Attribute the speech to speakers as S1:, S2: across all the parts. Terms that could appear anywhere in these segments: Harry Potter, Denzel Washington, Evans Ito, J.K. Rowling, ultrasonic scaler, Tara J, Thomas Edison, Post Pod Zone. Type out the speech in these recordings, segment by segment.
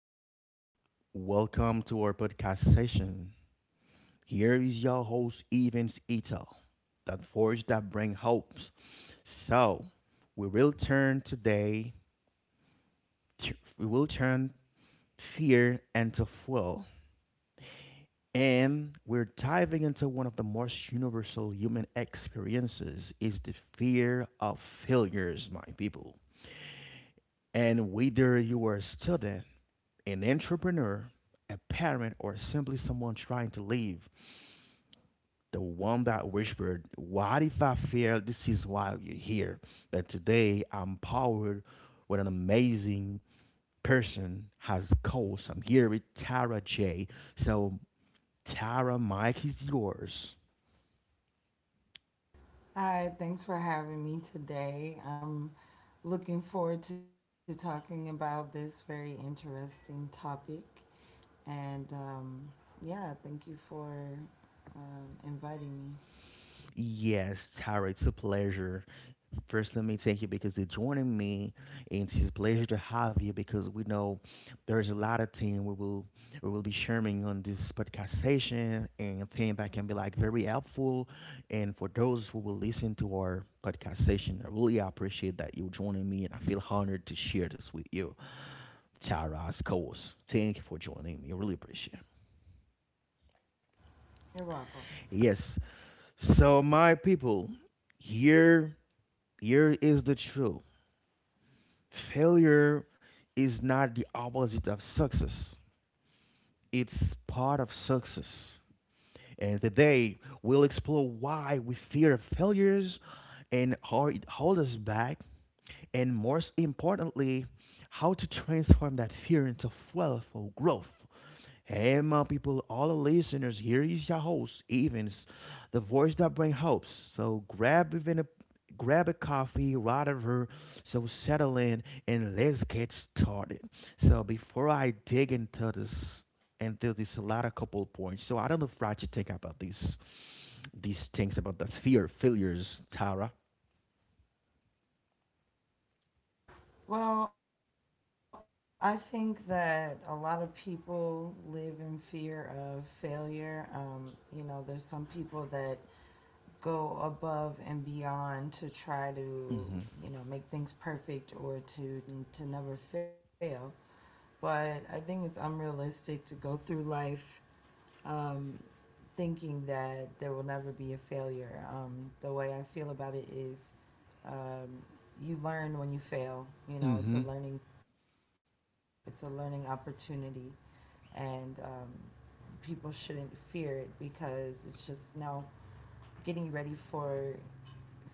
S1: gentlemen, welcome to our podcast session. Here is your host, Evans Ito, that voice that brings hopes. So, we will turn today, we will turn fear into fuel. And we're diving into one of the most universal human experiences is the fear of failures, my people. And whether you are a student, an entrepreneur, a parent, or simply someone trying to live the one that whispered, what if I fail? This is why you're here. But today I'm powered with an amazing person has calls. I'm here with Tara J. So Tara, Mike is yours.
S2: Hi, thanks for having me today. I'm looking forward to talking about this very interesting topic. And yeah, thank you for inviting me.
S1: Yes, Tara, it's a pleasure. First, let me thank you because you're joining me, and it's a pleasure to have you because we know there is a lot of things we will be sharing on this podcast session and things that can be like very helpful, and for those who will listen to our podcast session, I really appreciate that you're joining me, and I feel honored to share this with you, Tara. Of course, thank you for joining me. I really appreciate it.
S2: You're welcome.
S1: Yes, so my people, here here is the truth. Failure is not the opposite of success, it's part of success. And today, we'll explore why we fear failures and how it holds us back, and most importantly, how to transform that fear into fuel for growth. Hey, my people, all the listeners, here is your host, Evans, the voice that brings hopes. So grab a coffee, whatever. So settle in and let's get started. So before I dig into this a lot of couple points. So I don't know if Roger think about these things about the fear failures, Tara.
S2: Well, I think that a lot of people live in fear of failure. You know, there's some people that go above and beyond to try to,
S1: Mm-hmm.
S2: you know, make things perfect or to never fail. But I think it's unrealistic to go through life um, thinking that there will never be a failure. The way I feel about it is um, you learn when you
S1: Mm-hmm.
S2: fail. You know, it's a learning opportunity, and people shouldn't fear it because it's just now getting you ready for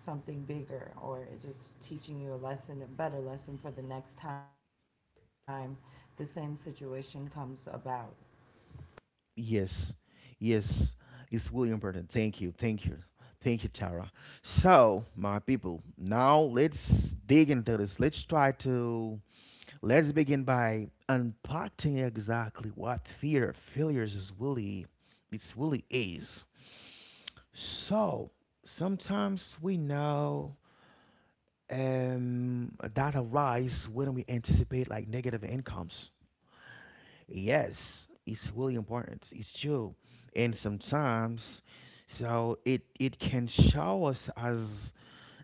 S2: something bigger, or it's just teaching you a lesson, a better lesson for the next time the same situation comes about.
S1: Yes, yes, it's really important. Thank you, thank you, thank you, Tara. So, my people, now let's dig into this. Let's try to Let's begin by unpacking exactly what fear of failures it's really is. So, sometimes we know that arise when we anticipate like negative incomes. Yes, it's really important. It's true. And sometimes, so it can show us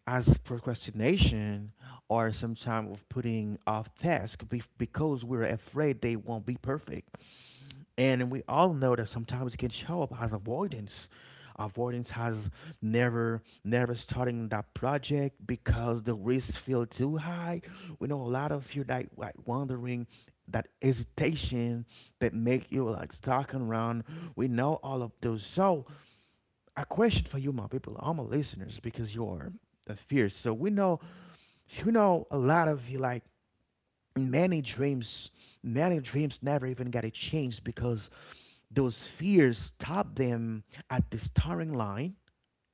S1: as procrastination or some time of putting off tasks because we're afraid they won't be perfect. And we all know that sometimes it can show up as avoidance. Avoidance has never, never starting that project because the risks feel too high. We know a lot of you that like wondering, that hesitation that make you like stalking around. We know all of those. So a question for you, my people, all my listeners, because you are the fierce. So we know a lot of you like many dreams, many dreams never even got a chance because those fears stop them at the starting line.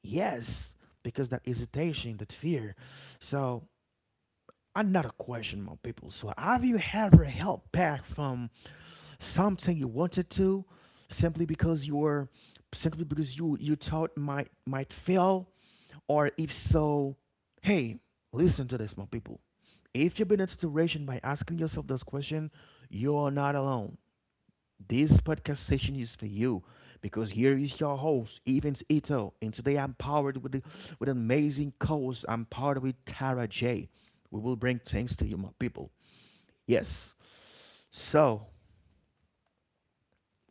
S1: Yes, because that hesitation, that fear. So, another question, my people. So, have you ever held back from something you wanted to simply because you were simply because you thought might fail, or if so, hey, listen to this, my people. If you've been in a situation by asking yourself this question, you're not alone. This podcast session is for you because here is your host, Evans Ito, and today I'm powered with amazing co-host. I'm powered with Tara J. We will bring things to you, my people. Yes. So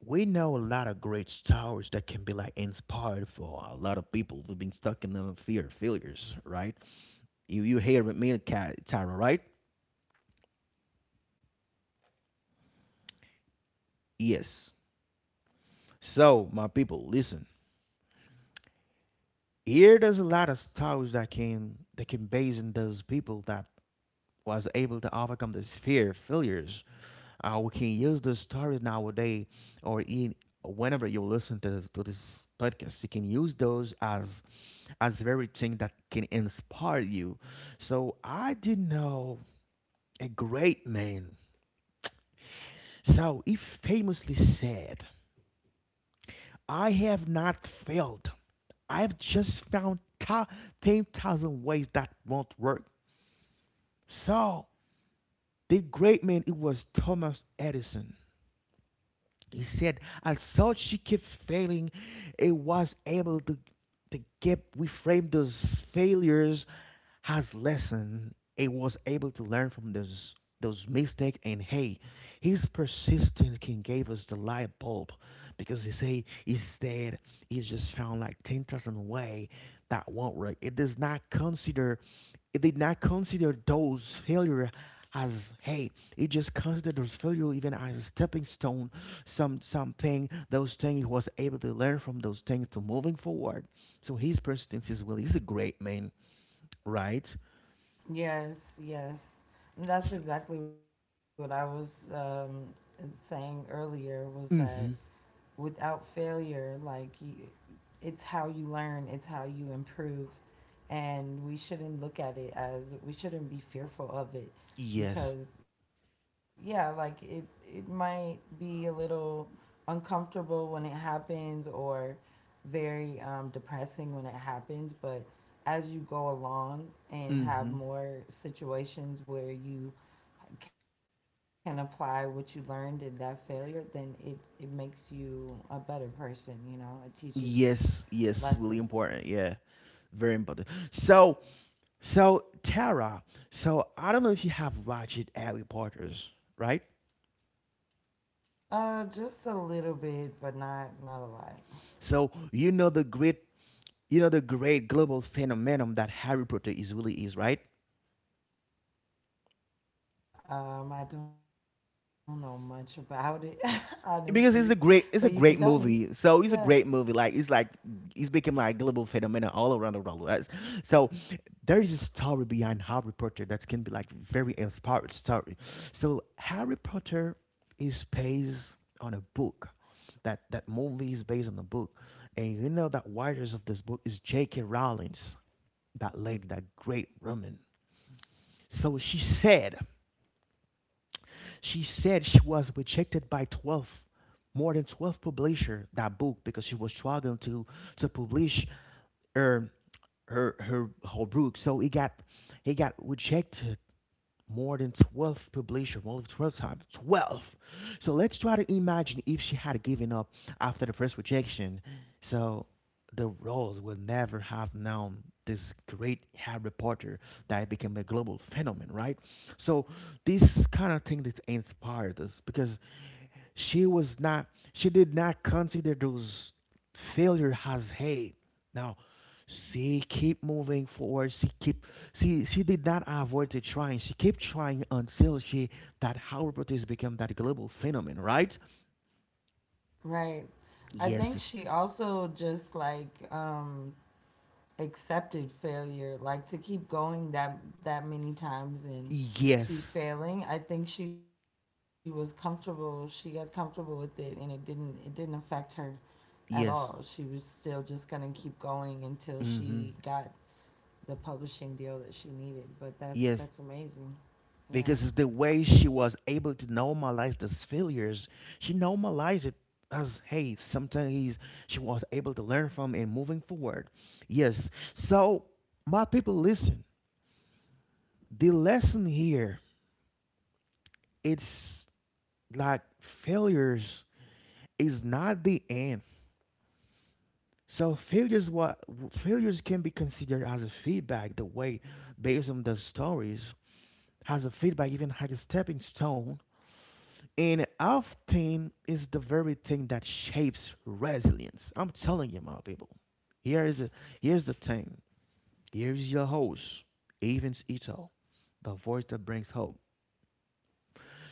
S1: we know a lot of great stories that can be like inspired for a lot of people who've been stuck in the fear of failures, right? You hear with me, Tara, right?
S2: Yes,
S1: Yes. So my people, listen. Here there's a lot of stories that can base in those people that was able to overcome this fear failures. We can use this stories nowadays or in whenever you listen to this podcast, you can use those as very thing that can inspire you. So I did know a great man. So he famously said, I have not failed. I've just found 10,000 ways that won't work. So the great man, it was Thomas Edison. He said, although she kept failing, it was able to keep reframe those failures has lesson he was able to learn from those mistakes, and hey, his persistence can gave us the light bulb, because he say instead he just found like 10,000 way that won't work. It does not consider, it did not consider those failure as hey, it just considered those failure even as a stepping stone, some something those things he was able to learn from those things to moving forward. So his persistence is well, he's a great man, right?
S2: yes, yes.
S1: S-
S2: And that's exactly what I was saying earlier, was that
S1: mhm.
S2: without failure, like it's how you learn, it's how you improve, and we shouldn't look at it as we shouldn't be fearful of
S1: Yes.
S2: it because yeah, like it might be a little uncomfortable when it happens, or very depressing when it happens, but as you go along and have
S1: Mhm.
S2: more situations where you can apply what you learned in that failure, then it makes you a better person. You know, it teaches you
S1: Yes. Yes.
S2: lessons.
S1: Really important. Yeah. Very important. So, so Tara. So I don't know if you have watched Harry Potter's, right?
S2: Just a little bit, but not a lot.
S1: So you know the great, you know the great global phenomenon that Harry Potter is really is, right?
S2: I don't know much about it, honestly, but you
S1: Because
S2: can
S1: it's a
S2: tell
S1: great
S2: me.
S1: it's a great
S2: Yeah,
S1: movie. So it's a great movie. Like it's become like global phenomenon all around the world. That's- So there is a story behind Harry Potter that can be like very inspired story. So Harry Potter is based on a book. That movie is based on a book. And you know that writers of this book is J.K. Rowling's, that lady, that great woman. So she said she was rejected by 12, more than 12 publishers that book because she was struggling to publish her her whole book. So it got rejected more than 12 publisher, more than 12 times, 12. So let's try to imagine if she had given up after the first rejection. So the world would never have known this great Harry Potter that became a global phenomenon, right? So this kind of thing that inspired us because she was not, she did not consider those failure as hate. Now, she keep moving forward. She keep, she did not avoid the trying. She kept trying until she, that how protest became that global phenomenon, right?
S2: right. I think
S1: Yes,
S2: she also just like accepted failure, like to keep going that that many times and keep
S1: yes,
S2: failing. I think she was comfortable. She got comfortable with it, and it didn't affect her at all. She was
S1: yes,
S2: still just gonna keep going until she
S1: hmm,
S2: got the publishing deal that she needed. But
S1: yes.
S2: that's amazing. Yeah.
S1: Because it's the way she was able to normalize these failures. She normalized it as hey, she was able to learn from and moving forward. Yes. So my people, listen. The lesson here, it's like failures is not the end. So failures what failures can be considered as a feedback. The way based on the stories has a feedback even like a stepping stone. And often is the very thing that shapes resilience. I'm telling you, my people. Here is Here's the thing. Here's your host, Evans Ito, the voice that brings hope.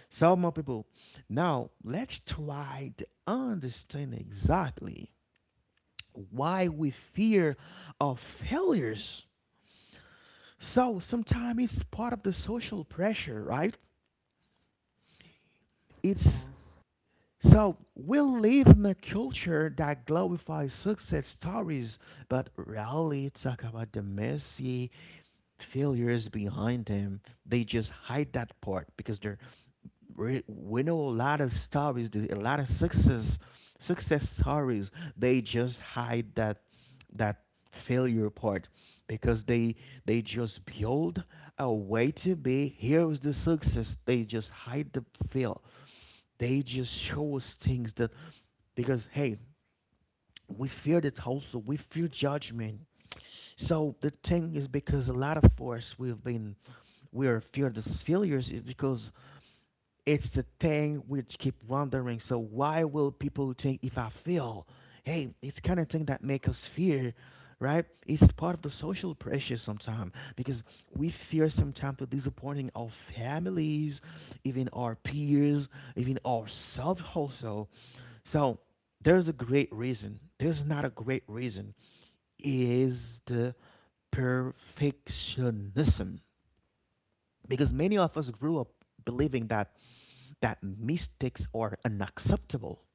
S1: So, my people, now let's try to understand exactly why we fear of failures. So, sometimes it's part of the social pressure, right? It's,
S2: Yes.
S1: so we live in a culture that glorifies success stories, but rarely talk about the messy failures behind them. They just hide that part because they're, we know a lot of stories, a lot of success stories. They just hide that failure part because they just build a way to be. Here's the success. They just hide the fail, they just show us things that, because hey, we fear the whole, so we fear judgment. So the thing is because a lot of us we've been we are fear these failures is because it's the thing we keep wondering. So why will people think if I fail? Hey, it's kind of thing that make us fear, right? It's part of the social pressure sometimes because we fear sometimes to disappointing our families, even our peers, even ourselves also. So there's a great reason. There's not a great reason. Is the perfectionism because many of us grew up believing that mistakes are unacceptable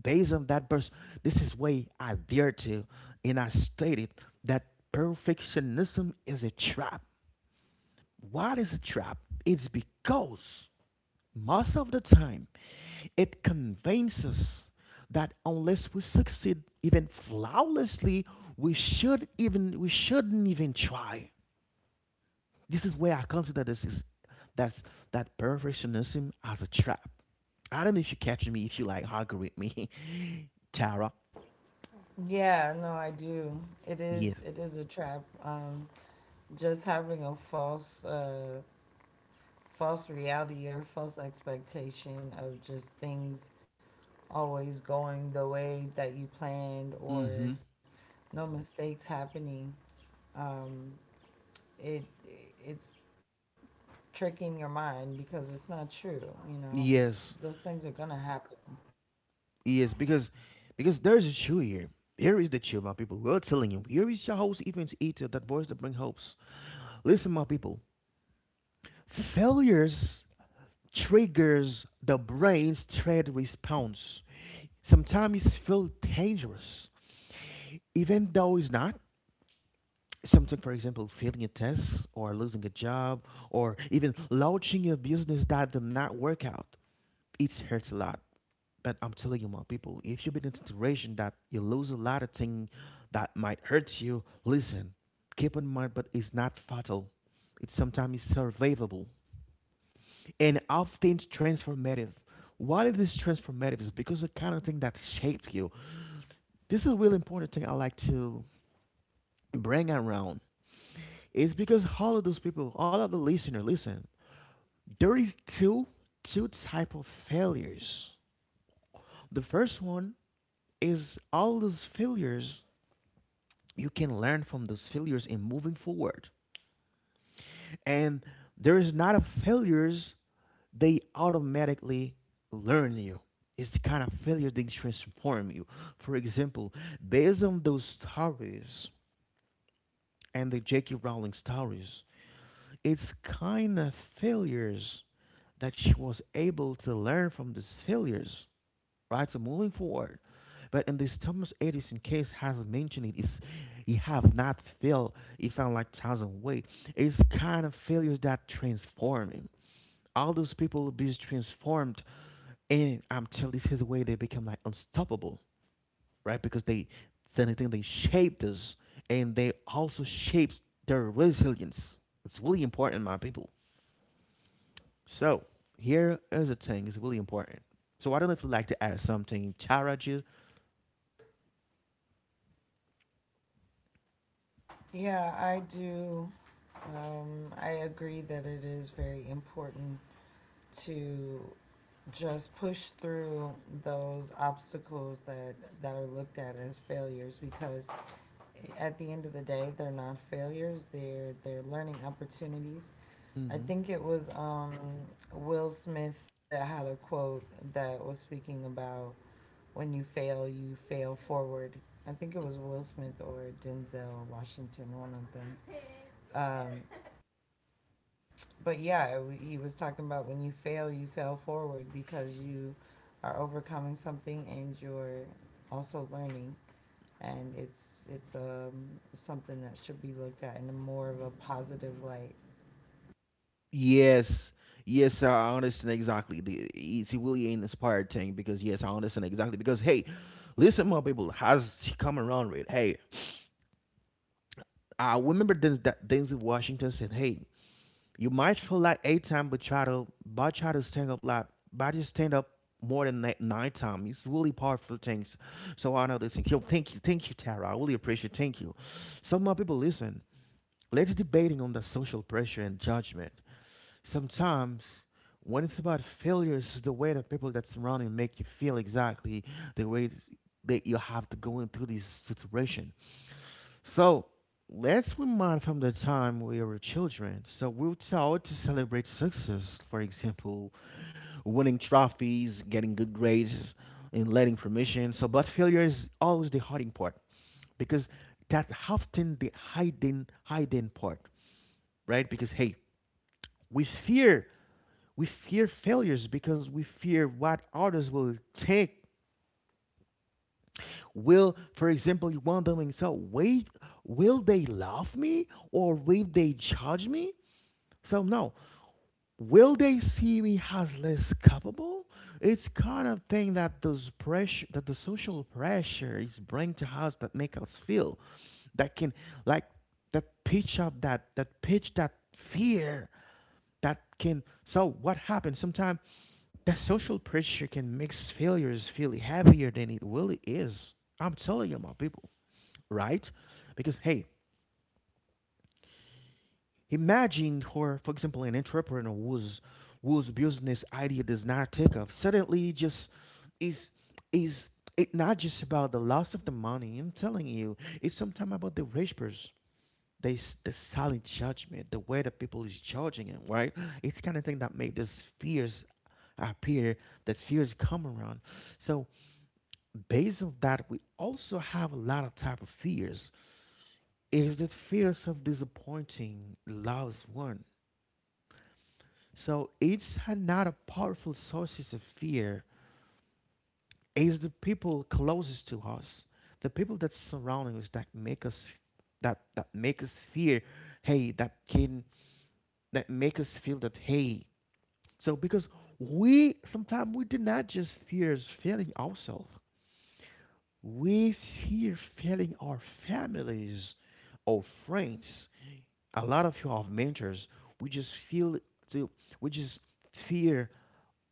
S1: based on that verse. This is why I dare to and I stated that perfectionism is a trap. What is a trap? It's because most of the time it convinces us that unless we succeed even flawlessly we shouldn't even try. This is where I consider this is that's That perfectionism as a trap. I don't know if you catch me, if you like argue with me, Tara.
S2: Yeah, no, I do. It
S1: Yes.
S2: is a trap. Just having a false false reality or false expectation of just things always going the way that you planned, or
S1: Mm-hmm.
S2: no mistakes happening. Um it it's tricking your mind because it's not true, you know. It's
S1: Yes.
S2: those things are going to happen.
S1: Yes. Because there's a truth here. Here is the truth, my people. We're telling you. Here is your host, Evans Eater, that voice that brings hopes. Listen, my people. Failures triggers the brain's threat response. Sometimes it feels dangerous, even though it's not. Something, for example, failing a test or losing a job or even launching a business that did not work out. It hurts a lot. But I'm telling you, my people, if you've been in a situation that you lose a lot of things that might hurt you, listen, keep in mind, but it's not fatal. It sometimes is survivable and often transformative. Why it is transformative is because the kind of thing that shaped you. This is a really important thing I like to bring around. It's because all of those people, all of the listener, listen. There is two type of failures. The first one is all those failures you can learn from, those failures in moving forward. And there is not a failures they automatically learn you. It's the kind of failure that transform you. For example, based on those stories and the J.K. Rowling stories, it's kind of failures that she was able to learn from these failures, right? So moving forward. But in this Thomas Edison case has mentioned it is he have not failed, he found like thousand way. It's kind of failures that transform him. All those people will be transformed and I'm telling this is the way they become like unstoppable, right? Because they then I they shaped us and they also shapes their resilience. It's really important, my people. So here is a thing, it's really important. So I don't know if you'd like to add something, Charaji.
S2: Yeah, I do. I agree that it is very important to just push through those obstacles that, that are looked at as failures, because at the end of the day, they're not failures, they're learning opportunities. I
S1: Mm-hmm.
S2: think it was Will Smith that had a quote that was speaking about when you fail forward. I think it was Will Smith or Denzel Washington, one of them, um, but yeah, he was talking about when you fail forward because you are overcoming something, and you're also learning, and it's something that should be looked at in a more of a positive light.
S1: Yes, yes, I understand exactly. It's really an inspired thing because yes, I understand exactly. Because hey, listen, my people, has she come around with? Hey, I remember that Denzel Washington said, "Hey, you might feel like eight time, but try to stand up like but just stand up more than nine times." It's really powerful things. So I know this thing. Yo, thank you, Tara. I really appreciate. Thank you. So my people, listen. Let's debating on the social pressure and judgment. Sometimes when it's about failures, it's the way that people that surround you make you feel exactly the way that you have to go into this situation. So let's remind from the time we were children. So we were taught to celebrate success, for example, winning trophies, getting good grades, and letting permission. So, but failure is always the hiding part because that's often the hiding part, right? Because hey, we fear we fear failures because we fear what others will think. Will, for example, you want them in so wait, will they love me or will they judge me? So no, will they see me as less capable? It's kind of thing that those pressure, that the social pressure is bring to us, that make us feel that can like that pitch up that pitch that fear that can so what happens sometimes that social pressure can make failures feel heavier than it really is. I'm telling you, my people, right? Because hey, imagine, for example, an entrepreneur whose business idea does not take off. Suddenly, just is is it not just about the loss of the money? I'm telling you, it's sometimes about the whispers, the silent judgment, the way that people is judging him. Right? It's kind of thing that made those fears appear, that fears come around. So based on that, we also have a lot of type of fears. It is the fears of disappointing loved one. Not a powerful sources of fear. It's the people closest to us, the people that surrounding us that make us that make us fear. Hey, that can that make us feel that hey. So because we sometimes we do not just fear failing ourselves. We fear failing our families or friends. A lot of you have mentors. We just feel to we just fear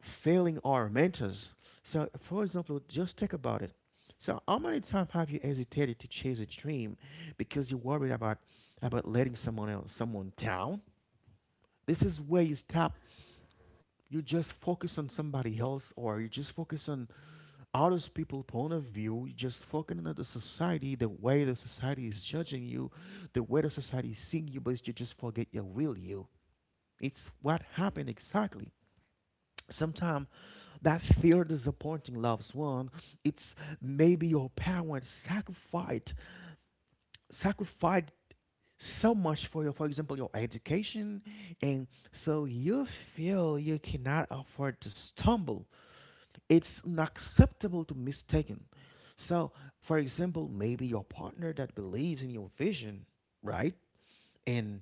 S1: failing our mentors. So, for example, just think about it. So, how many times have you hesitated to chase a dream because you worried about letting someone else, someone down? This is where you stop. You just focus on somebody else, or you just focus on other people's point of view. You just focus on the society, the way the society is judging you, the way the society is seeing you, but you just forget your real you. It's what happened exactly. Sometimes that fear disappointing loved one, it's maybe your parents sacrificed so much for your, for example, your education, and so you feel you cannot afford to stumble, it's unacceptable to mistaken. So, for example, maybe your partner that believes in your vision, right? and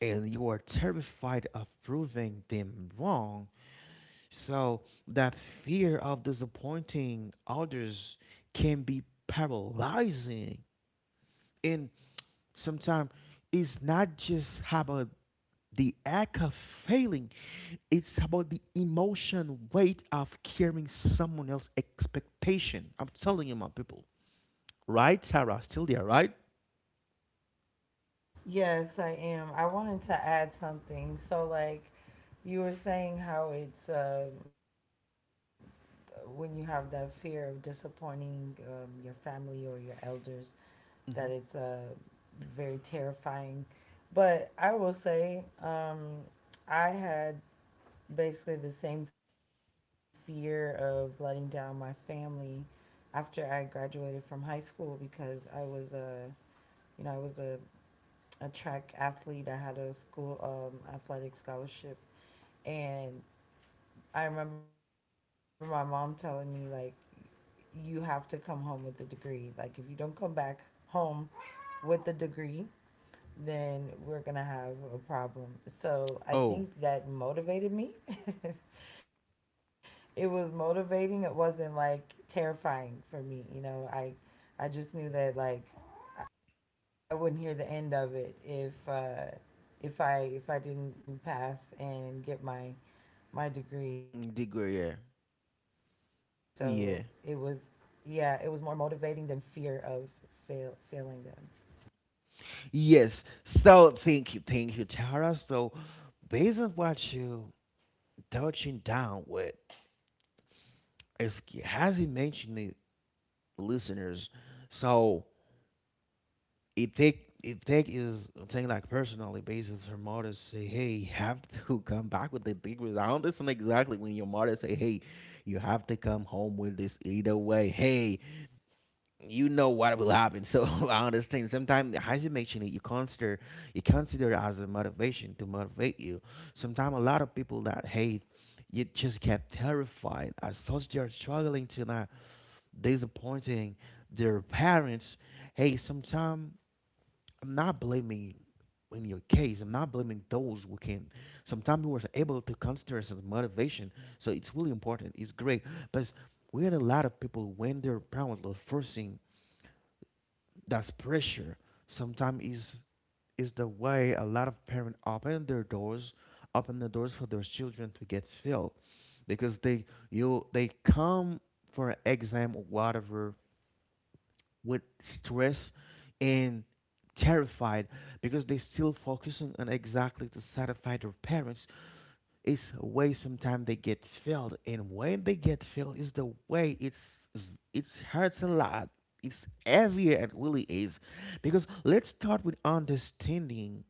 S1: and you are terrified of proving them wrong. So that fear of disappointing others can be paralyzing. And sometimes it's not just about the act of failing, it's about the emotion weight of carrying someone else's expectation. I'm telling you, my people. Right, Sarah? Still there, right?
S2: Yes, I am. I wanted to add something. So like, you were saying how it's when you have that fear of disappointing your family or your elders,
S1: Hmm.
S2: that it's very terrifying. But I will say, I had basically the same fear of letting down my family after I graduated from high school, because you know, I was a track athlete. I had a school athletic scholarship, and I remember my mom telling me, like, you have to come home with a degree. Like, if you don't come back home with a degree, then we're gonna have a problem.
S1: Oh,
S2: So I think that motivated me. It was motivating. It wasn't like terrifying for me. You know, I just knew that like I wouldn't hear the end of it if I didn't pass and get my degree. So
S1: degree, yeah.
S2: it was yeah, it was more
S1: Yeah.
S2: motivating than fear of failing them.
S1: Yes. So thank you, Tara. So based on what you touching down with, as he mentioned it, listeners, so it take is thing like personally based on her mother say, hey, you have to come back with the degrees. I don't listen exactly when your mother say, hey, you have to come home with this either way. Hey, you know what will happen. So I understand. Sometimes as you mentioned it, you consider it as a motivation to motivate you. Sometimes a lot of people that hey, you just get terrified as such they're struggling to not disappointing their parents. Hey, sometimes I'm not blaming in your case. I'm not blaming those who can. Sometimes we were able to consider it as motivation. So it's really important. It's great, but we had a lot of people when their parents were forcing that pressure. Sometimes is the way a lot of parents open their doors, open the doors for their children to get filled because they come for an exam or whatever with stress and terrified because they still focusing on exactly to satisfy their parents. It's a way sometimes they get filled and when they get filled is the way it's hurts a lot. It's heavier it really is because let's start with understanding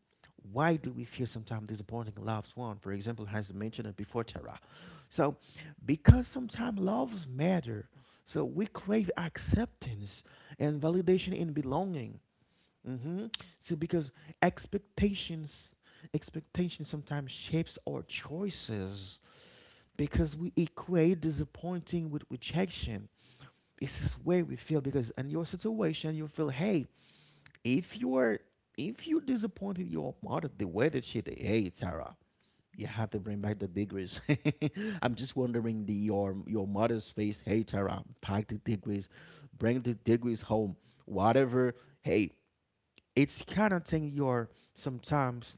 S1: why do we feel sometimes disappointing loved one, for example, as mentioned it before, Tara. So because sometimes loves matter, so we crave acceptance and validation and belonging. Hmm. So because expectations expectations sometimes shapes our choices because we equate disappointing with rejection. This is where we feel because in your situation you feel, hey, if you're if you disappointed your mother the way that she did, hey Sarah, you have to bring back the degrees. I'm just wondering the your mother's face, hey Tara, pack the degrees, bring the degrees home, whatever. Hey, it's kind of thing you're sometimes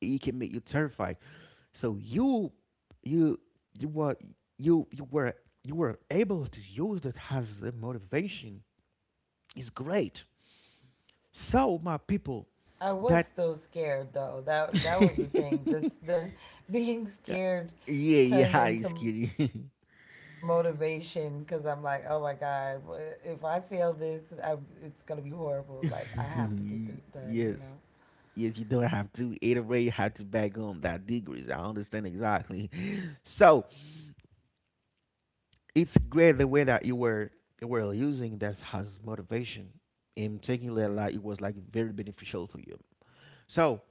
S1: it can make you terrified. So you you were you were you were able to use that as a motivation is great. So my people
S2: I
S1: that
S2: was still scared though. That that was the
S1: yeah,
S2: thing. This the being
S1: yeah
S2: scared
S1: yeah
S2: turned
S1: it's
S2: into
S1: kidding.
S2: motivation because I'm like, oh my god, if I fail this, I it's gonna be horrible. Like, I have to get this done, you know.
S1: Yes. Yes, you don't have to iterate how to back on that degrees. I understand exactly. So it's great the way that you were using that as motivation in taking that like it was like very beneficial for you. So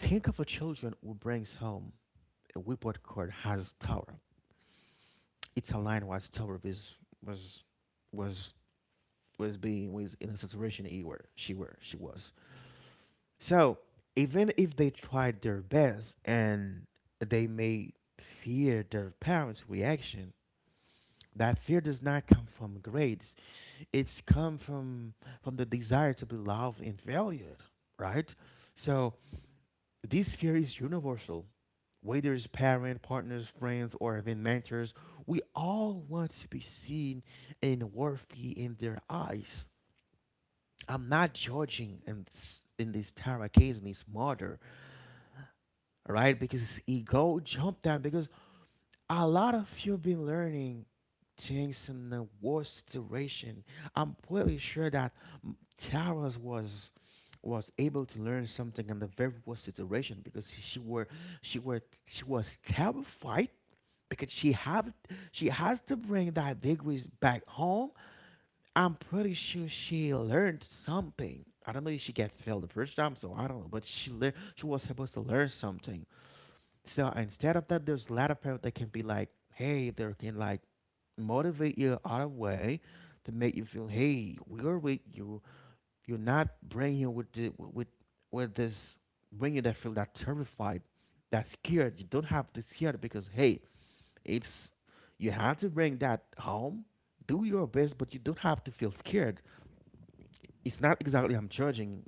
S1: think of a children who brings home a report card has tower. It's aligned with tower is was was was being was in a situation he were she was. So even if they tried their best and they may fear their parents' reaction, that fear does not come from grades. It's come from the desire to be loved and valued, right? So this fear is universal. Whether it's parent, partners, friends, or even mentors, we all want to be seen and worthy in their eyes. I'm not judging in this Tara case, in this murder, right? Because his ego jumped down because a lot of you have been learning things in the worst situation. I'm pretty sure that Tara's was able to learn something in the very worst situation because she were she was terrified because she has to bring that degrees back home. I'm pretty sure she learned something. I don't know if she got failed the first time, so I don't know, but she was supposed to learn something. So instead of that, there's a lot of parents that can be like, hey, they can like motivate you other way to make you feel, hey, we're with you. You're not bringing with with this bringing that feel that terrified, that scared. You don't have to scared because hey, it's you have to bring that home. Do your best, but you don't have to feel scared. It's not exactly I'm judging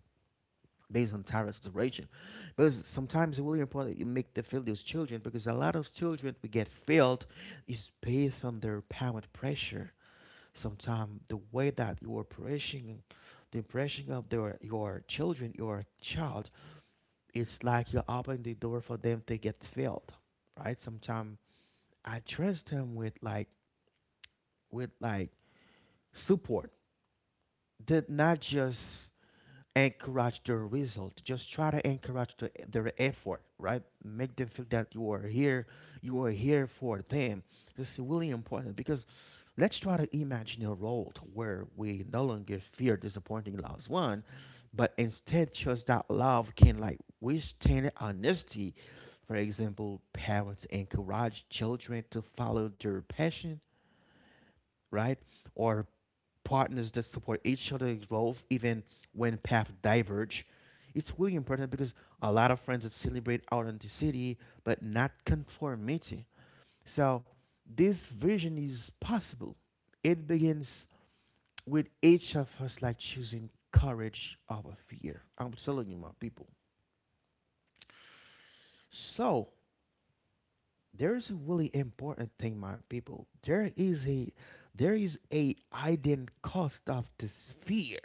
S1: based on tariff duration. Because sometimes it's really important that you make the fail those children because a lot of children we get failed is based on their parent pressure. Sometimes the way that you are pressing the impression of their your children, your child, it's like you're opening the door for them to get failed. Right? Sometimes I trust them with like with support. That not just encourage their result. Just try to encourage their effort, right? Make them feel that you are here for them. This is really important because let's try to imagine a world where we no longer fear disappointing loved one, but instead trust that love can like withstand honesty. For example, parents encourage children to follow their passion, right? Or partners that support each other's growth even when paths diverge. It's really important because a lot of friends that celebrate authenticity but not conformity. So this vision is possible. It begins with each of us like choosing courage over fear. I'm telling you, my people. So there is a really important thing, my people. There is a hidden cost of this fear.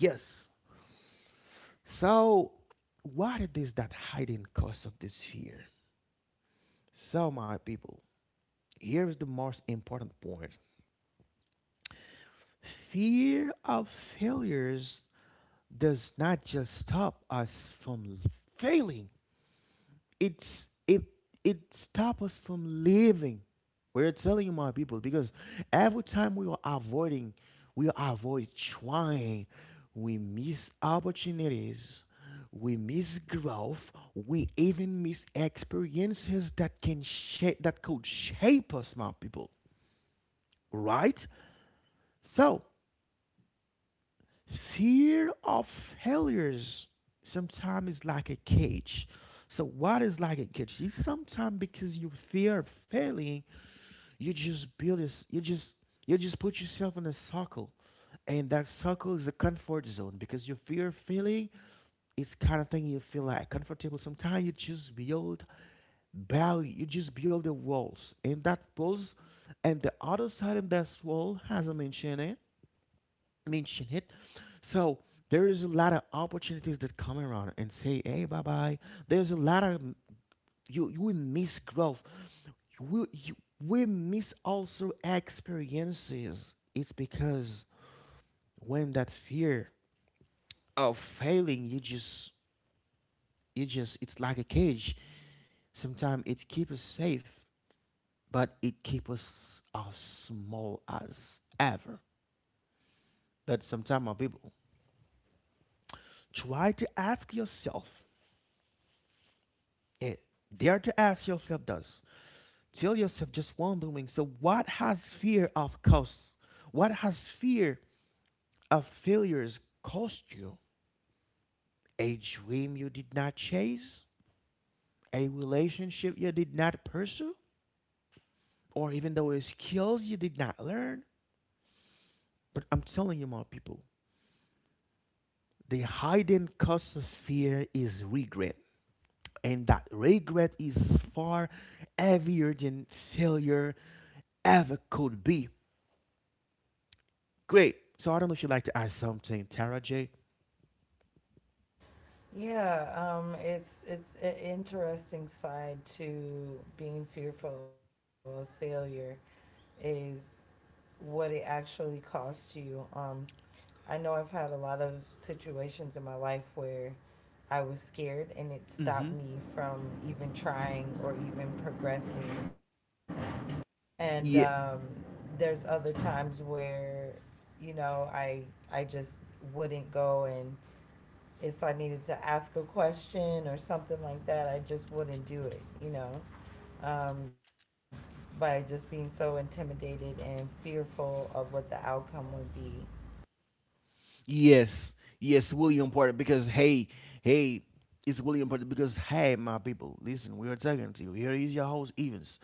S1: Yes. So, what it is that hiding cause of this fear? So, my people, here is the most important point. Fear of failures does not just stop us from failing. it's it it stops us from living. We're telling you, my people, because every time we are avoiding, we avoid trying, we miss opportunities, we miss growth, we even miss experiences that could shape us, my people. Right? So fear of failures sometimes is like a cage. So what is like a cage? It's sometimes because you fear failing, you just build this, you just you just put yourself in a circle, and that circle is a comfort zone because you fear failing. It's kind of thing you feel like comfortable. Sometimes you just build barrier, you just build the walls, and that walls, and the other side of that wall, as I mentioned, mention it. So there is a lot of opportunities that come around and say, "Hey, bye bye." There's a lot of you will miss growth. You will you we miss also experiences. It's because when that fear of failing, you just it's like a cage. Sometimes it keeps us safe, but it keeps us as small as ever. But sometimes, my people, try to ask yourself. Eh, Dare to ask yourself this. Tell yourself just wondering. So, what has fear of cost? What has fear of failures cost you? A dream you did not chase? A relationship you did not pursue? Or even though it's skills you did not learn? But I'm telling you, my people, the hidden cost of fear is regret. And that regret is far heavier than failure ever could be. Great. So I don't know if you'd like to add something, Tara J.
S2: Yeah, it's an interesting side to being fearful of failure, is what it actually costs you. I know I've had a lot of situations in my life where I was scared, and it stopped
S1: Mm-hmm.
S2: me from even trying or even progressing. And
S1: Yeah,
S2: there's other times where, you know, I just wouldn't go, and if I needed to ask a question or something like that, I just wouldn't do it, you know? Um, by just being so intimidated and fearful of what the outcome would be.
S1: yes, yes, William Porter. Because hey, it's William Porter. Because hey, my people, listen, we are talking to you. Here is your host, Evans.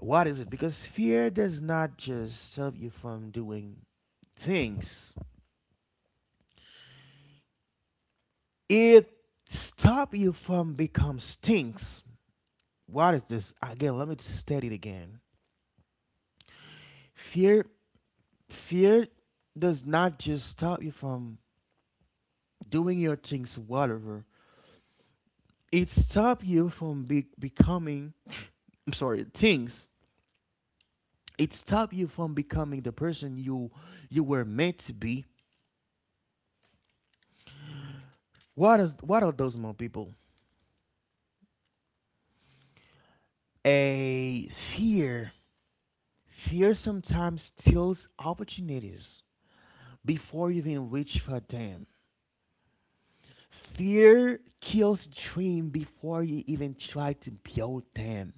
S1: What is it? Because fear does not just stop you from doing things; it stop you from become stinks. What is this again? Let me just state it again. Fear, fear, does not just stop you from doing your things, whatever it stop you from becoming, I'm sorry things, it stop you from becoming the person you were meant to be. What is what are those more people? A fear fear sometimes steals opportunities before you even reach for them. Fear kills dream before you even try to build them.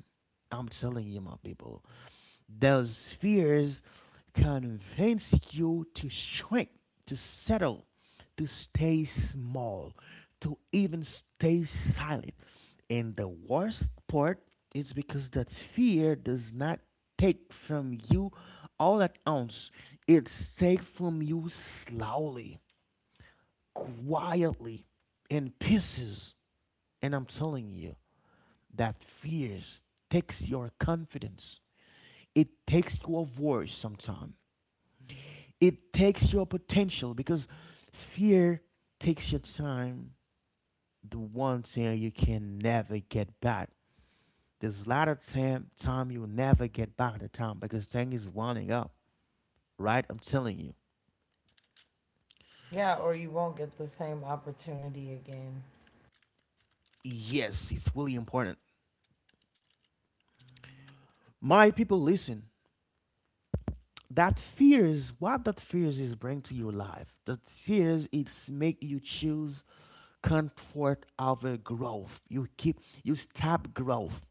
S1: I'm telling you, my people. Those fears convince you to shrink, to settle, to stay small, to even stay silent. And the worst part is because that fear does not take from you all at once. It's take from you slowly, quietly, in pieces. And I'm telling you that fears takes your confidence. It takes your voice. Sometimes it takes your potential because fear takes your time. The one thing you can never get back. There's a lot of time you'll never get back the time because thing is winding up. Right? I'm telling you.
S2: Yeah, or you won't get the same opportunity again.
S1: Yes, it's really important. My people listen. That fears, what that fears is bring to your life, that fears it's make you choose comfort over growth, you keep you stop growth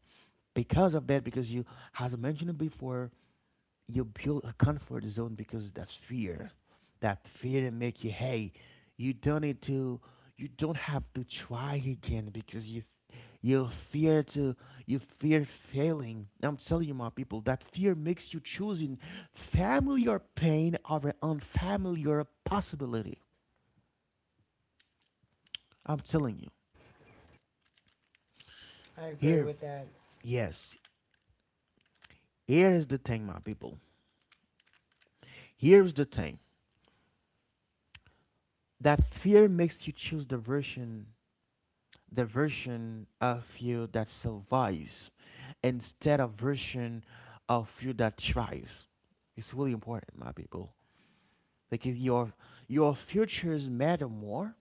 S1: because of that, because you, as I mentioned before, you build a comfort zone because that's fear. That fear that make you, hey, you don't need to you don't have to try again because you fear to, you fear failing. I'm telling you, my people, that fear makes you choosing familiar pain over unfamiliar possibility. I'm telling you.
S2: I agree
S1: here
S2: with that.
S1: yes here is the thing, my people. Here's the thing, that fear makes you choose the version of you that survives instead of version of you that thrives. It's really important, my people. Like if your futures matter more.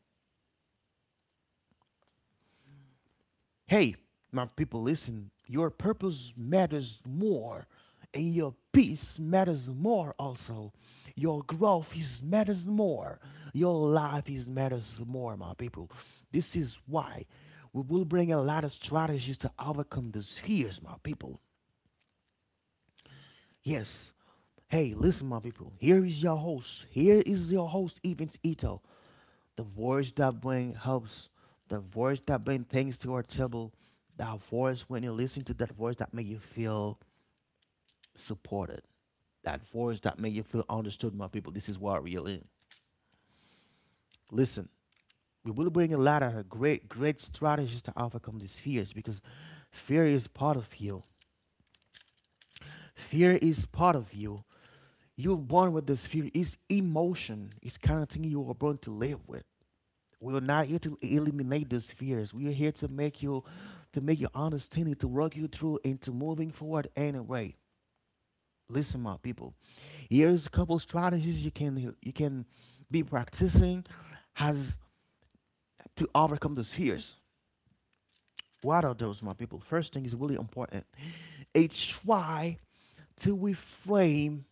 S1: Hey, my people, listen. Your purpose matters more, and your peace matters more. Also, your growth is matters more. Your life is matters more, my people. This is why we will bring a lot of strategies to overcome those fears, my people. Yes. Hey, listen, my people. Here is your host, Evans Ito. The voice that brings helps. The voice that brings things to our table. That voice, when you listen to that voice, that make you feel supported. That voice that make you feel understood, my people. This is what we're in. Listen, we will bring a lot of great strategies to overcome these fears because fear is part of you. Fear is part of you. You're born with this fear. It's emotion. It's kind of thing you were born to live with. We're not here to eliminate those fears. We are here to make you understanding, to work you through into moving forward anyway. Listen, my people. Here's a couple strategies you can be practicing has to overcome those fears. What are those, my people? First thing is really important. A try to reframe,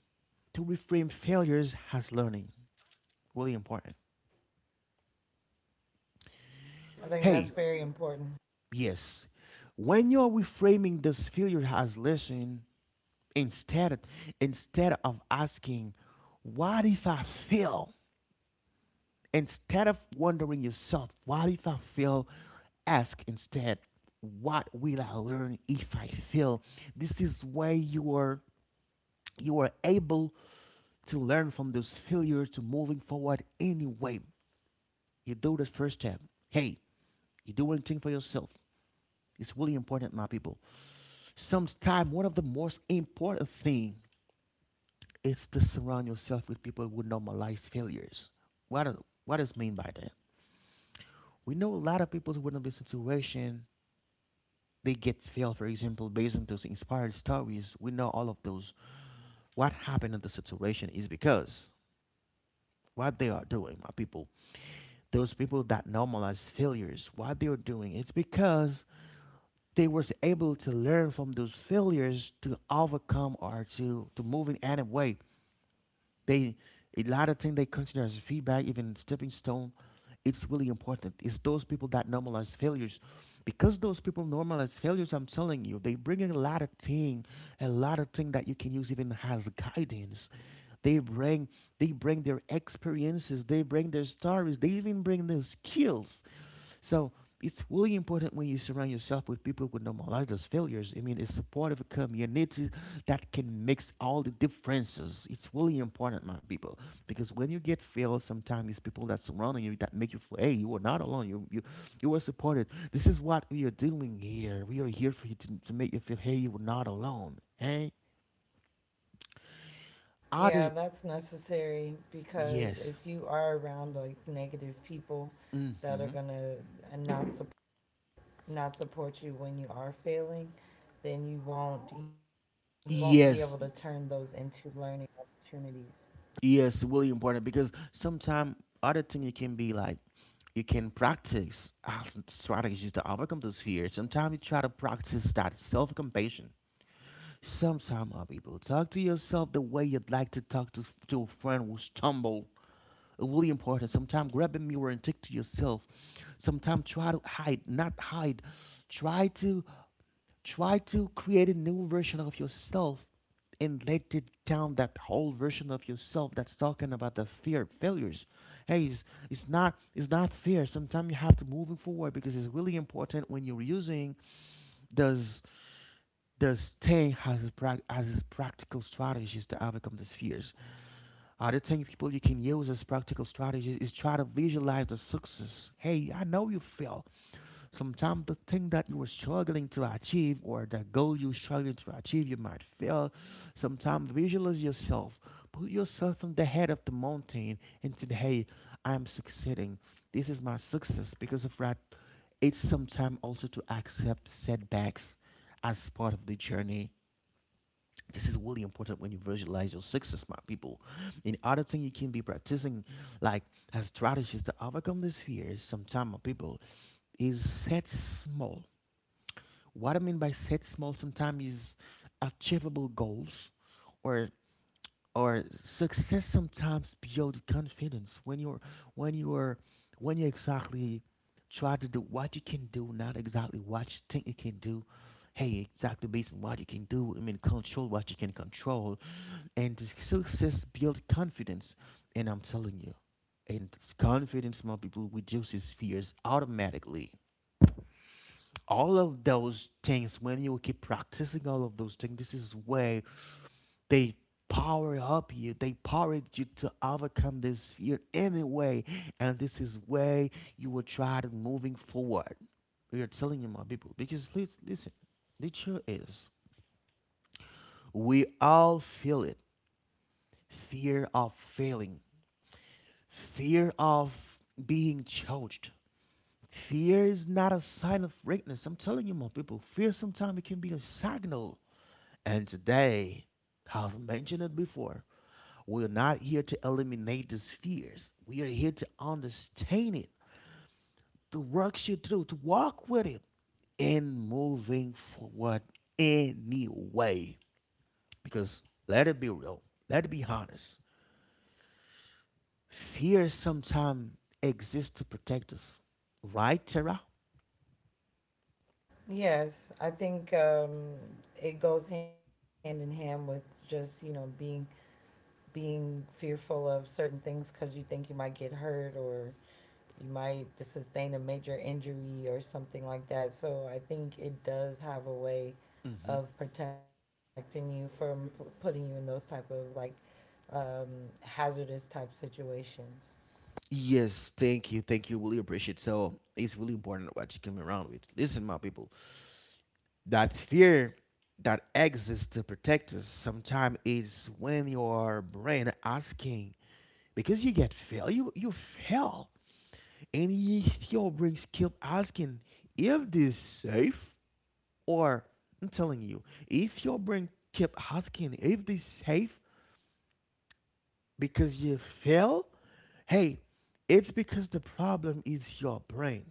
S1: failures as learning. Really important.
S2: I think that's
S1: Hey.
S2: very important.
S1: Yes. When you're reframing this failure as lesson, instead instead of asking, what if I fail? Instead of wondering yourself, what if I fail? Ask instead, what will I learn if I fail? This is where you are able to learn from those failures to moving forward anyway. You do the first step. Hey, you do one thing for yourself. It's really important, my people. Sometimes one of the most important thing is to surround yourself with people who normalize failures. What does mean by that? We know a lot of people who in this situation they get failed, for example, based on those inspired stories. We know all of those. What happened in the situation is because what they are doing, my people, those people that normalize failures, what they are doing, it's because they was able to learn from those failures to overcome or to move in any way. They, a lot of things they consider as feedback, even stepping stone. It's really important. It's those people that normalize failures, because those people normalize failures. I'm telling you, they bring a lot of thing that you can use even as guidance. They bring they bring their experiences. They bring their stories. They even bring their skills. So it's really important when you surround yourself with people who normalize those failures. I mean, it's supportive community that can mix all the differences. It's really important, my people, because when you get failed, sometimes it's people that surround you that make you feel, hey, you are not alone. You you are supported. This is what we are doing here. We are here for you to make you feel, hey, you are not alone. Hey,
S2: Yeah,
S1: other
S2: that's necessary, because
S1: yes.
S2: if you are around like negative people that are
S1: Hmm.
S2: gonna and not support you when you are failing, then you won't be able to turn those
S1: Yes,
S2: into learning opportunities.
S1: yes, really important because sometimes other thing you can be like you can practice as strategies to overcome this fear. Sometimes you try to practice that self-compassion. Sometimes other people talk to yourself the way you'd like to talk to a friend who stumble. Really important. Sometimes grab a mirror and take to yourself. Sometimes try to hide, not hide. Try to Try to create a new version of yourself and let it down that whole version of yourself that's talking about the fear of failures. Hey, it's, it's not fear. Sometimes you have to move it forward because it's really important when you're using those those thing as a prac as its practical strategies to overcome these fears. Other thing people you can use as practical strategies is try to visualize the success. Hey, I know you fail. Sometimes the thing that you were struggling to achieve or the goal you're struggling to achieve, you might fail. Sometimes visualize yourself. Put yourself on the head of the mountain and say, hey, I am succeeding. This is my success. Because of that, it's sometimes also to accept setbacks as part of the journey. This is really important when you visualize your success, my people. And other thing you can be practicing, like as strategies to overcome these fears, sometimes, my people, is set small. What I mean by set small sometimes is achievable goals or or success sometimes build confidence when you're when you're when you exactly try to do what you can do, not exactly what you think you can do. Hey, exactly based on what you can do, I mean control what you can control, and the success build confidence, and I'm telling you, and this confidence among people reduces fears automatically. All of those things, when you keep practicing all of those things, this is where they power up you, they power you to overcome this fear anyway, and this is where you will try to moving forward. We are telling you, my people, because listen, the truth is we all feel it. Fear of failing, fear of being judged. Fear is not a sign of weakness. I'm telling you, my people, fear sometimes it can be a signal. And today, I've mentioned it before, we're not here to eliminate these fears. We are here to understand it, to work you through, to walk with it, and moving forward anyway. Because let it be real, let it be honest. Fear sometimes exists to protect us, right, Tara?
S2: Yes, I think it goes hand in hand with just, you know, being being fearful of certain things because you think you might get hurt or you might sustain a major injury or something like that. So I think it does have a way
S1: Mm-hmm.
S2: of protecting you from putting you in those type of like hazardous type situations.
S1: Yes, thank you, thank you. Really appreciate it. So it's really important what you come around with. Listen, my people, that fear that exists to protect us sometimes is when your brain asking, because you get fail, you fail, and you still brain keep asking if this safe or, I'm telling you, if your brain keep asking if this safe because you fail, hey, it's because the problem is your brain.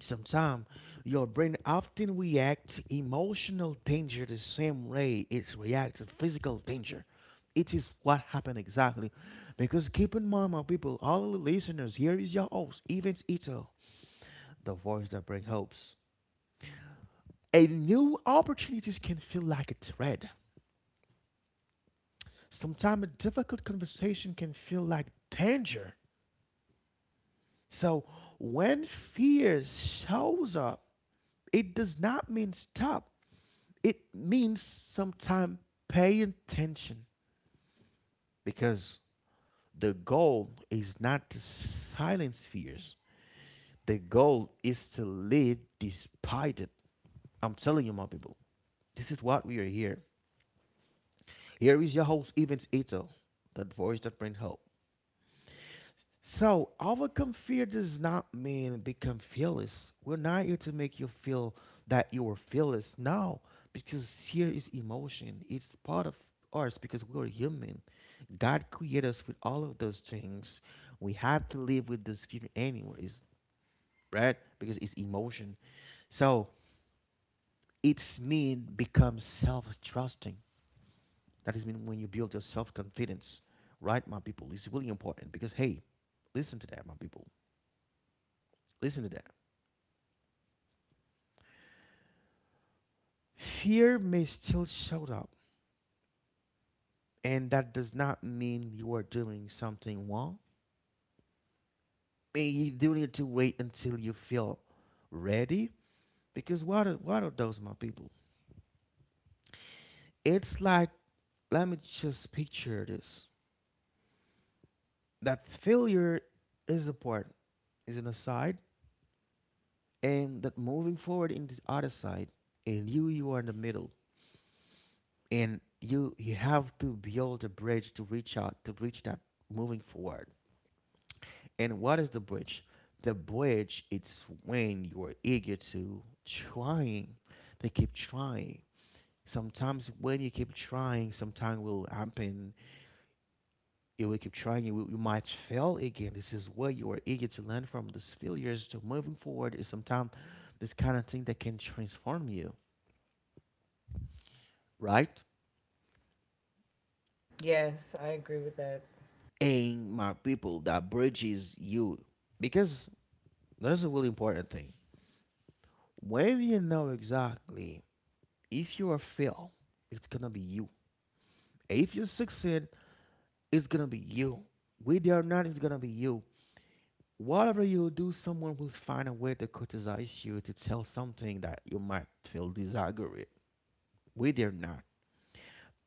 S1: Sometimes your brain often reacts emotional danger the same way it reacts to physical danger. It is what happened exactly. Because keep in mind, my people, all the listeners, here is your host, Evans Ito, the voice that brings hopes. A new opportunities can feel like a threat. Sometimes a difficult conversation can feel like danger. So when fear shows up, it does not mean stop. It means sometimes pay attention, because the goal is not to silence fears. The goal is to live despite it. I'm telling you, my people, this is what we are here. Here is your host, Evans Ito, that voice that brings hope. So, overcome fear does not mean become fearless. We're not here to make you feel that you are fearless. No, because fear is emotion. It's part of us because we are human. God created us with all of those things. We have to live with those fear anyways, right? Because it's emotion. So, it's mean become self-trusting. That is mean when you build your self-confidence, right, my people? It's really important because hey, listen to that, my people. Listen to that. Fear may still show up, and that does not mean you are doing something wrong. I mean, you do need to wait until you feel ready, because what are those, my people? It's like, let me just picture this: that failure is a part, is an aside, and that moving forward in this other side, and you are in the middle, and you have to build a bridge to reach out, to reach that moving forward. And what is the bridge? The bridge it's when you are eager to trying. They keep trying. Sometimes when you keep trying, sometimes will happen. You will keep trying. You, will, you might fail again. This is where you are eager to learn from these failures to moving forward. Is sometimes this kind of thing that can transform you, right?
S2: Yes, I agree with that.
S1: And my people, that bridges you because that is a really important thing. When you know exactly if you are fail, it's gonna be you. Atheist succeed, it's gonna be you. Whether or not it's gonna be you. Whatever you do, someone will find a way to criticize you to tell something that you might feel disagree with. Whether or not.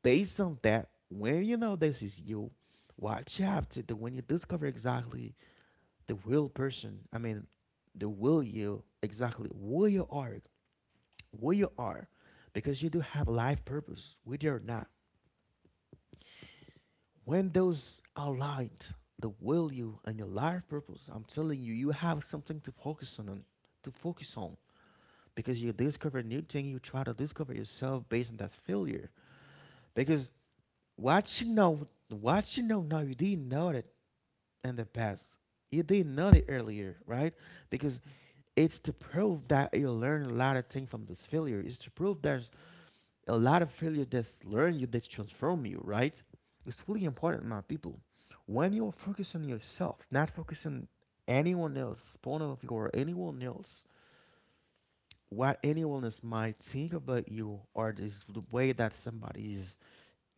S1: Based on that, when you know this is you, watch out to when you discover exactly the real person, I mean the will you exactly where you are, because you do have life purpose, whether or not. When those are aligned, the will you and your life purpose, I'm telling you, you have something to focus on and to focus on, because you discover a new thing, you try to discover yourself based on that failure. Because what you know what you know now, you didn't know it in the past, you didn't know it earlier, right? Because it's to prove that you learn a lot of things from this failure. It's to prove that a lot of failure that's learn you, that transform you, right? It's really important, my people. When you focus on yourself, not focus on anyone else, point of view or anyone else, what anyone else might think about you, or this the way that somebody is,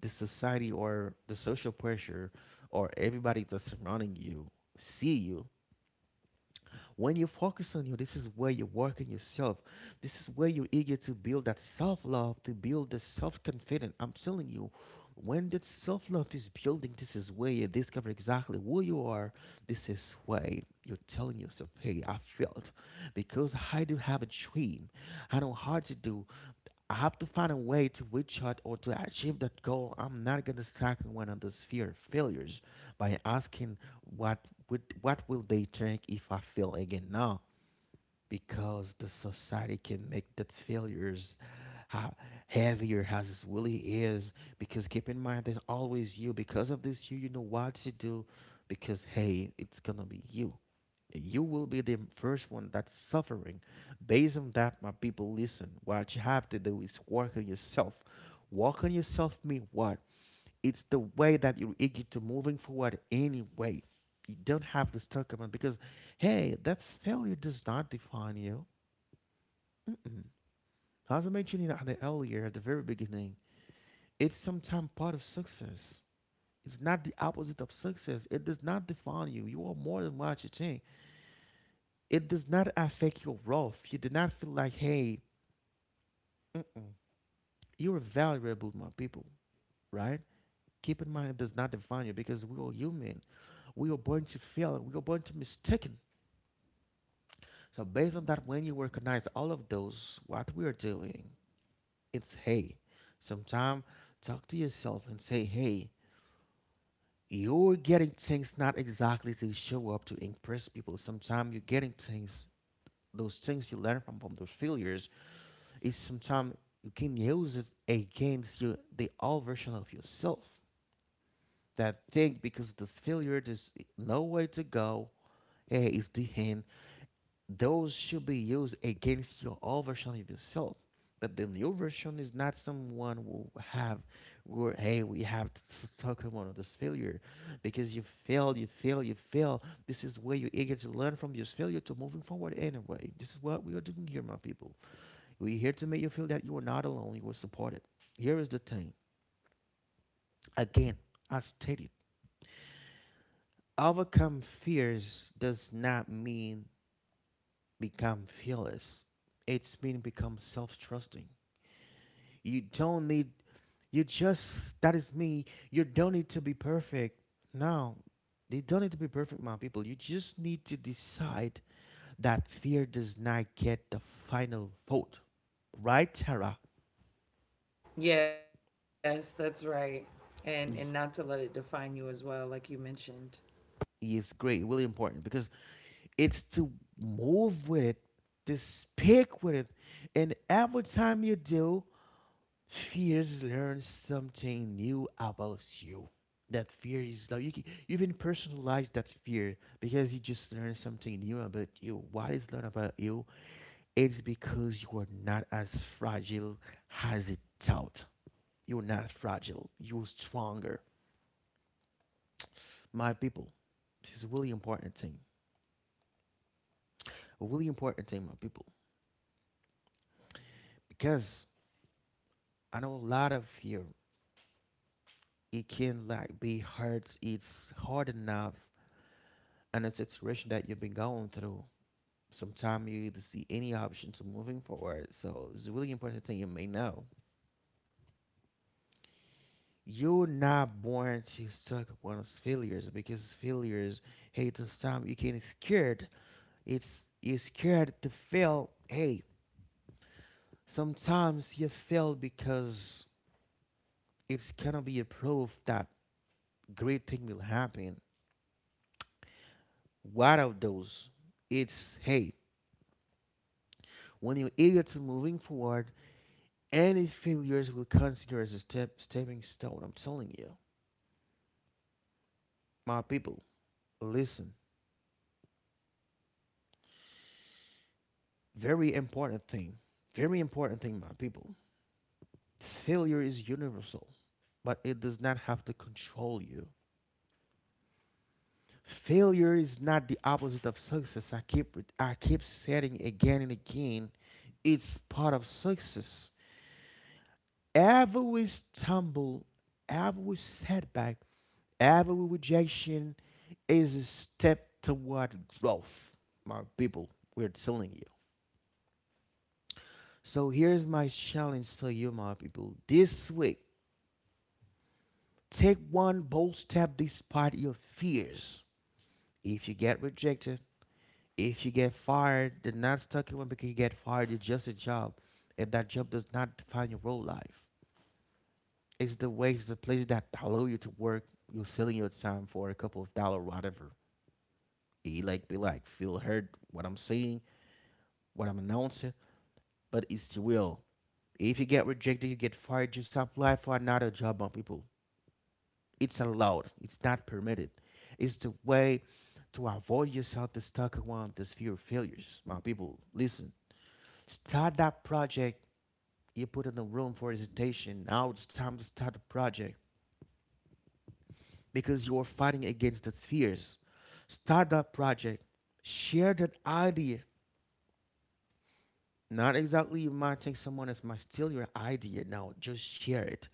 S1: the society or the social pressure or everybody that's surrounding you see you. When you focus on you, this is where you work on yourself. This is where you're eager to build that self love, to build the self confidence. I'm telling you, when that self love is building, this is where you discover exactly who you are. This is where you're telling yourself, hey, I felt because I do have a dream. I know how to do. I have to find a way to reach out or to achieve that goal. I'm not gonna second one on this fear of failures by asking what would, what will they think if I fail again now? Because the society can make that failures ha- heavier as it really is. Because keep in mind that always you. Because of this, you know what to do. Because hey, it's gonna be you, you will be the first one that's suffering. Based on that, my people, listen. What you have to do is work on yourself. Work on yourself mean what? It's the way that you're eager to moving forward anyway. You don't have to stuck around because, hey, that failure does not define you. Mm-mm. As I mentioned in the earlier at the very beginning, it's sometimes part of success. It's not the opposite of success. It does not define you. You are more than what you think. It does not affect your worth. You do not feel like, hey, mm-mm, you are valuable, my people, right? Keep in mind, it does not define you because we are human. We are born to fail. We are born to mistaken. So based on that, when you recognize all of those, what we are doing, it's hey. Sometime talk to yourself and say, hey, you're getting things not exactly to show up to impress people. Sometimes you're getting things, those things you learn from those failures is sometimes you can use it against you, the old version of yourself that think because this failure there's no way to go, is the end. Those should be used against your old version of yourself, but the new version is not someone who have where hey we have to s- talk about this failure. Because you failed, you fail, you fail, this is where you're eager to learn from your failure to moving forward anyway. This is what we are doing here, my people. We're here to make you feel that you are not alone, you are supported. Here is the thing. Again, I stated, overcome fears does not mean become fearless. It's mean become self-trusting. You don't need, you just that is me. You don't need to be perfect. No. You don't need to be perfect, my people. You just need to decide that fear does not get the final vote. Right, Tara?
S2: Yes, that's right. And not to let it
S1: Y-
S2: define you as well, like you mentioned.
S1: Yes, great, really important because it's to move with it, to speak with it. And every time you do, fears learn something new about you. That fear is like you even personalize that fear because you just learn something new about you. What is learned about you? It's because you are not as fragile as it thought. You're not fragile. You're stronger. My people, this is a really important thing. A really important thing, my people. Because I know a lot of fear it can like be hard. It's hard enough in a situation that you've been going through. Sometimes you either see any option to moving forward. So it's a really important thing you may know. You're not born to suck up on those failures because failures, hey, sometimes you can get scared. It's you're scared to fail. Hey, sometimes you fail because it's gonna be a proof that great thing will happen. What of those? It's hey, when your idiots are moving forward, any failures will consider as a step, stepping stone. I'm telling you, my people, listen. Very important thing. Very important thing, my people. Failure is universal, but it does not have to control you. Failure is not the opposite of success. I keep saying again and again, it's part of success. Every stumble, every setback, every rejection, is a step toward growth, my people. We're telling you. So here's my challenge to you, my people. This week, take one bold step despite your fears. If you get rejected, if you get fired, then not stuck in one because you get fired, it's just a job. And that job does not define your whole life. It's the way, it's the place that allow you to work. You're selling your time for a couple of dollars, whatever. He like be like, feel hurt what I'm saying, what I'm announcing, but it's the will. If you get rejected, you get fired, just apply for another job, my people. It's allowed, it's not permitted. It's the way to avoid yourself to stuck around this fear of failures, my people. Listen, start that project you put in the room for hesitation. Now it's time to start the project because you are fighting against the fears. Start that project, share that idea. Not exactly you might take someone else might steal your idea. No, just share it.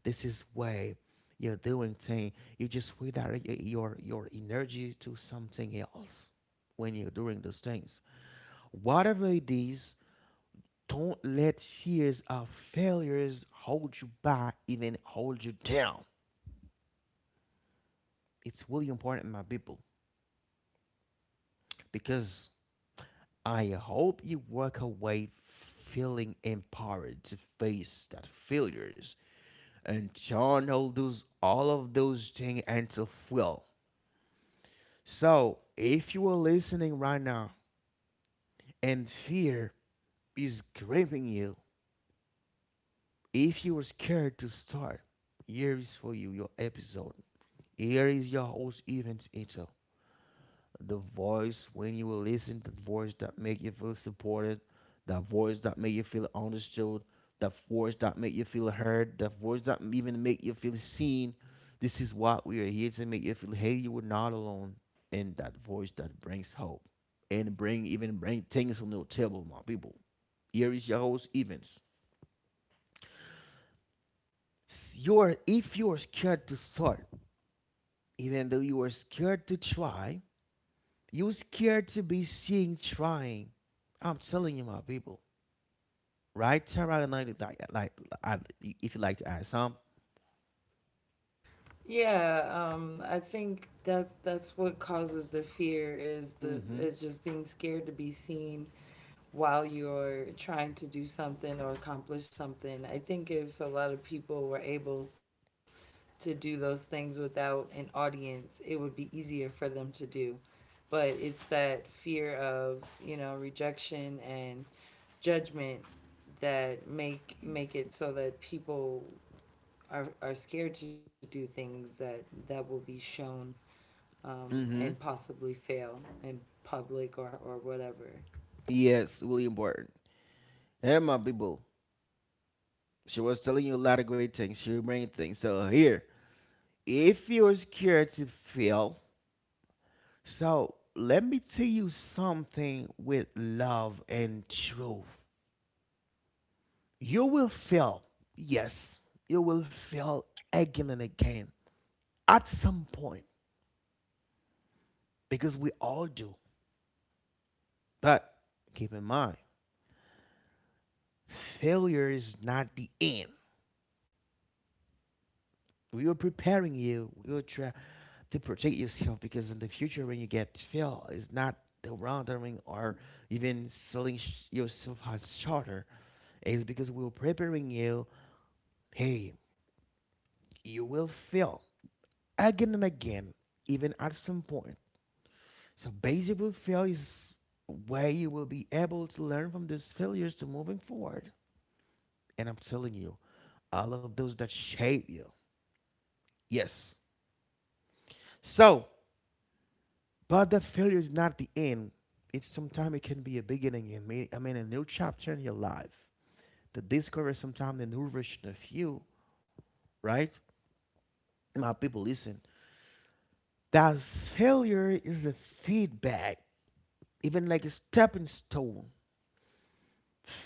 S1: This is way you're doing thing. You just redirect your energy to something else when you're doing those things. Whatever it is, don't let fears of failures hold you back, even hold you down. It's really important, my people, because I hope you walk away feeling empowered to face that failures and John all of those things and to feel. So if you are listening right now and fear is gripping you, if you are scared to start, here is for you your episode. Here is your host Evans Ito. The voice when you will listen, the voice that make you feel supported, the voice that make you feel understood, the voice that make you feel heard, the voice that even make you feel seen. This is what we are here to make you feel. Hey, you were not alone. And that voice that brings hope and bring things on the table, my people. Here is your host Evans. You're If you're scared to start, even though you are scared to try. You scared to be seen trying. I'm telling you, my people. Right, Tara, like I, if you like to add some.
S2: Yeah, I think that that's what causes the fear, is the
S1: Mm-hmm.
S2: is just being scared to be seen while you're trying to do something or accomplish something. I think if a lot of people were able to do those things without an audience, it would be easier for them to do. But it's that fear of, you know, rejection and judgment that make it so that people are scared to do things that that will be shown, and
S1: Mm-hmm.
S2: possibly fail in public, or whatever.
S1: Yes, really important. Hey, my people. She was telling you a lot of great things. She bringing things. So here, if you're scared to fail, so let me tell you something with love and truth. You will fail. Yes, you will fail again and again. At some point because we all do. But keep in mind, failure is not the end. We are preparing you. We are trying to protect yourself because in the future, when you get failed, it's not the wrongdoing or even selling yourself as shorter. It's because we are preparing you. Hey, you will fail again and again, even at some point. So basically, fail is where you will be able to learn from these failures to moving forward. And I'm telling you, all of those that shape you. Yes. So, but that failure is not the end. It's sometimes it can be a beginning. And a new chapter in your life to discover sometimes a new version of you. Right? My people, listen. That failure is a feedback, even like a stepping stone.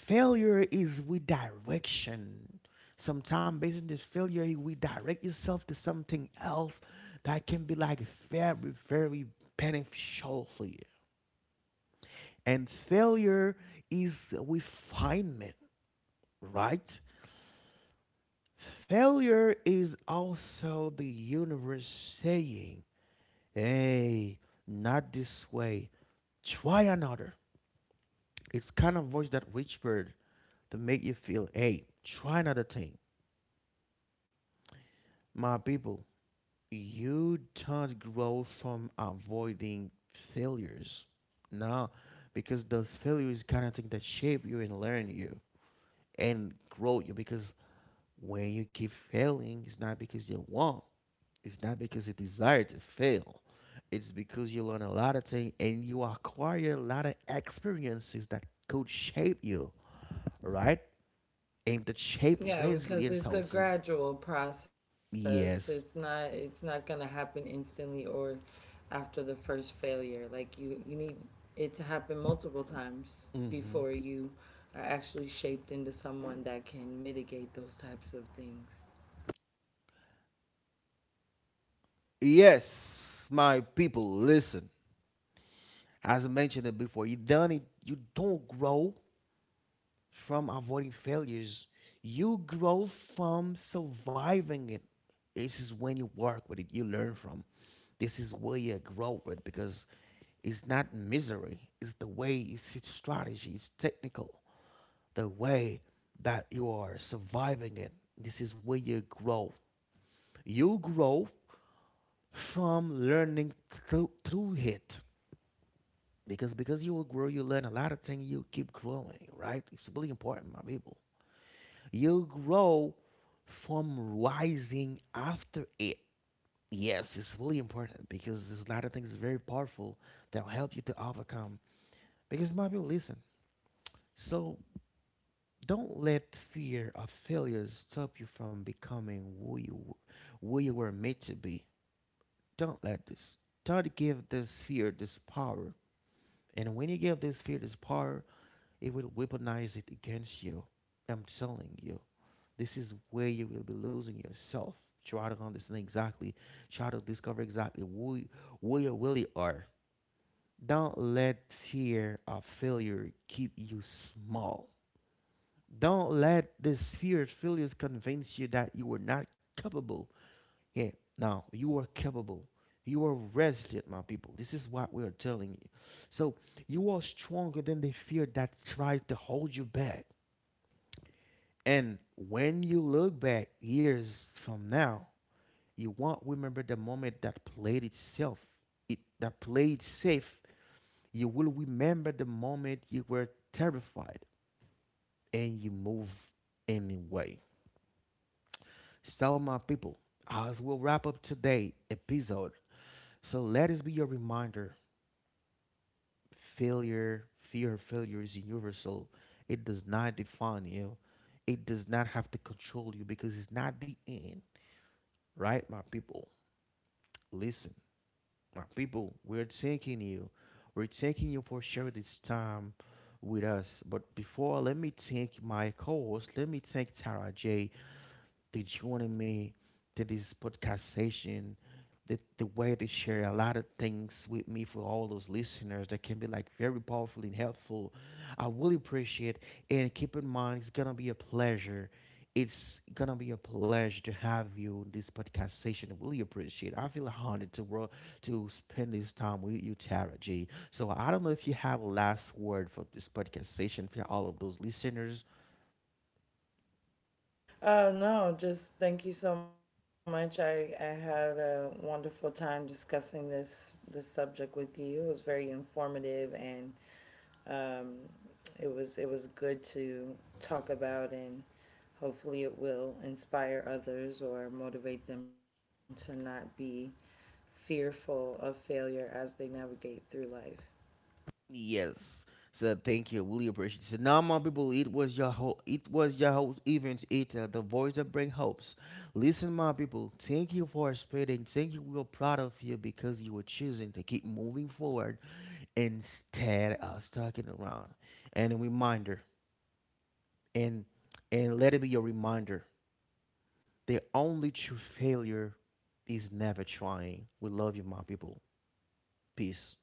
S1: Failure is redirection. Sometimes based on this failure, you redirect yourself to something else that can be like very, very beneficial for you. And failure is refinement, right? Failure is also the universe saying, hey, not this way. Try another. It's kind of voice that whispered to make you feel, hey, try another thing. My people, you don't grow from avoiding failures. No, because those failures kind of thing that shape you and learn you and grow you because when you keep failing, it's not because you want, it's not because you desire to fail. It's because you learn a lot of things and you acquire a lot of experiences that could shape you, right? And that shape
S2: Yeah, because
S1: resilience
S2: it's a
S1: also.
S2: gradual process. It's not
S1: Yes.
S2: it's not going to happen instantly or after the first failure. Like, you need it to happen multiple times before
S1: Mm-hmm.
S2: you are actually shaped into someone that can mitigate those types of things.
S1: Yes, my people, listen. As I mentioned it before, you done it. You don't grow from avoiding failures. You grow from surviving it. This is when you work with it. You learn from. This is where you're growing because it's not misery. It's the way, it's strategy, it's technical. The way that you are surviving it. This is where you grow. You grow from learning through it. Because you will grow, you learn a lot of things, you keep growing, right? It's really important, my people. You grow from rising after it. Yes, it's really important because there's a lot of things very powerful that will help you to overcome. Because my people listen. So don't let fear of failure stop you from becoming who you were made to be. Don't let this. Try to give this fear this power. And when you give this fear this power, it will weaponize it against you. I'm telling you. This is where you will be losing yourself. Try to understand exactly. Try to discover exactly who you really are. Don't let fear of failure keep you small. Don't let these fear failures convince you that you are not capable. Yeah, now you are capable. You are resilient, my people. This is what we are telling you. So you are stronger than the fear that tries to hold you back. And when you look back years from now, you won't remember the moment that played itself. It that played safe. You will remember the moment you were terrified and you move anyway. So, my people, as we'll wrap up today' episode, so let us be a reminder, failure, fear of failure is universal. It does not define you, it does not have to control you because it's not the end, right, my people? Listen, my people, we're taking you for sure this time with us. But before, let me thank my co host, let me thank Tara J. Did joining me to this podcast session, the way they share a lot of things with me for all those listeners that can be like very powerful and helpful. I really appreciate it. And keep in mind it's gonna be a pleasure. It's gonna be a pleasure to have you in this podcast session. I really appreciate it. I feel honored to to spend this time with you, Tara G. So I don't know if you have a last word for this podcast session for all of those listeners.
S2: Uh, no, just thank you so much. I had a wonderful time discussing this this subject with you. It was very informative, and um, it was good to talk about, and hopefully it will inspire others or motivate them to not be fearful of failure as they navigate through life.
S1: Yes. So thank you. Really appreciate it. So now my people, it was your it was your host Evans Eater, the voice that brings hopes. Listen, my people, thank you for spreading. Thank you. We're proud of you because you were choosing to keep moving forward instead of sticking around. And a reminder, and and let it be your reminder. The only true failure is never trying. We love you, my people. Peace.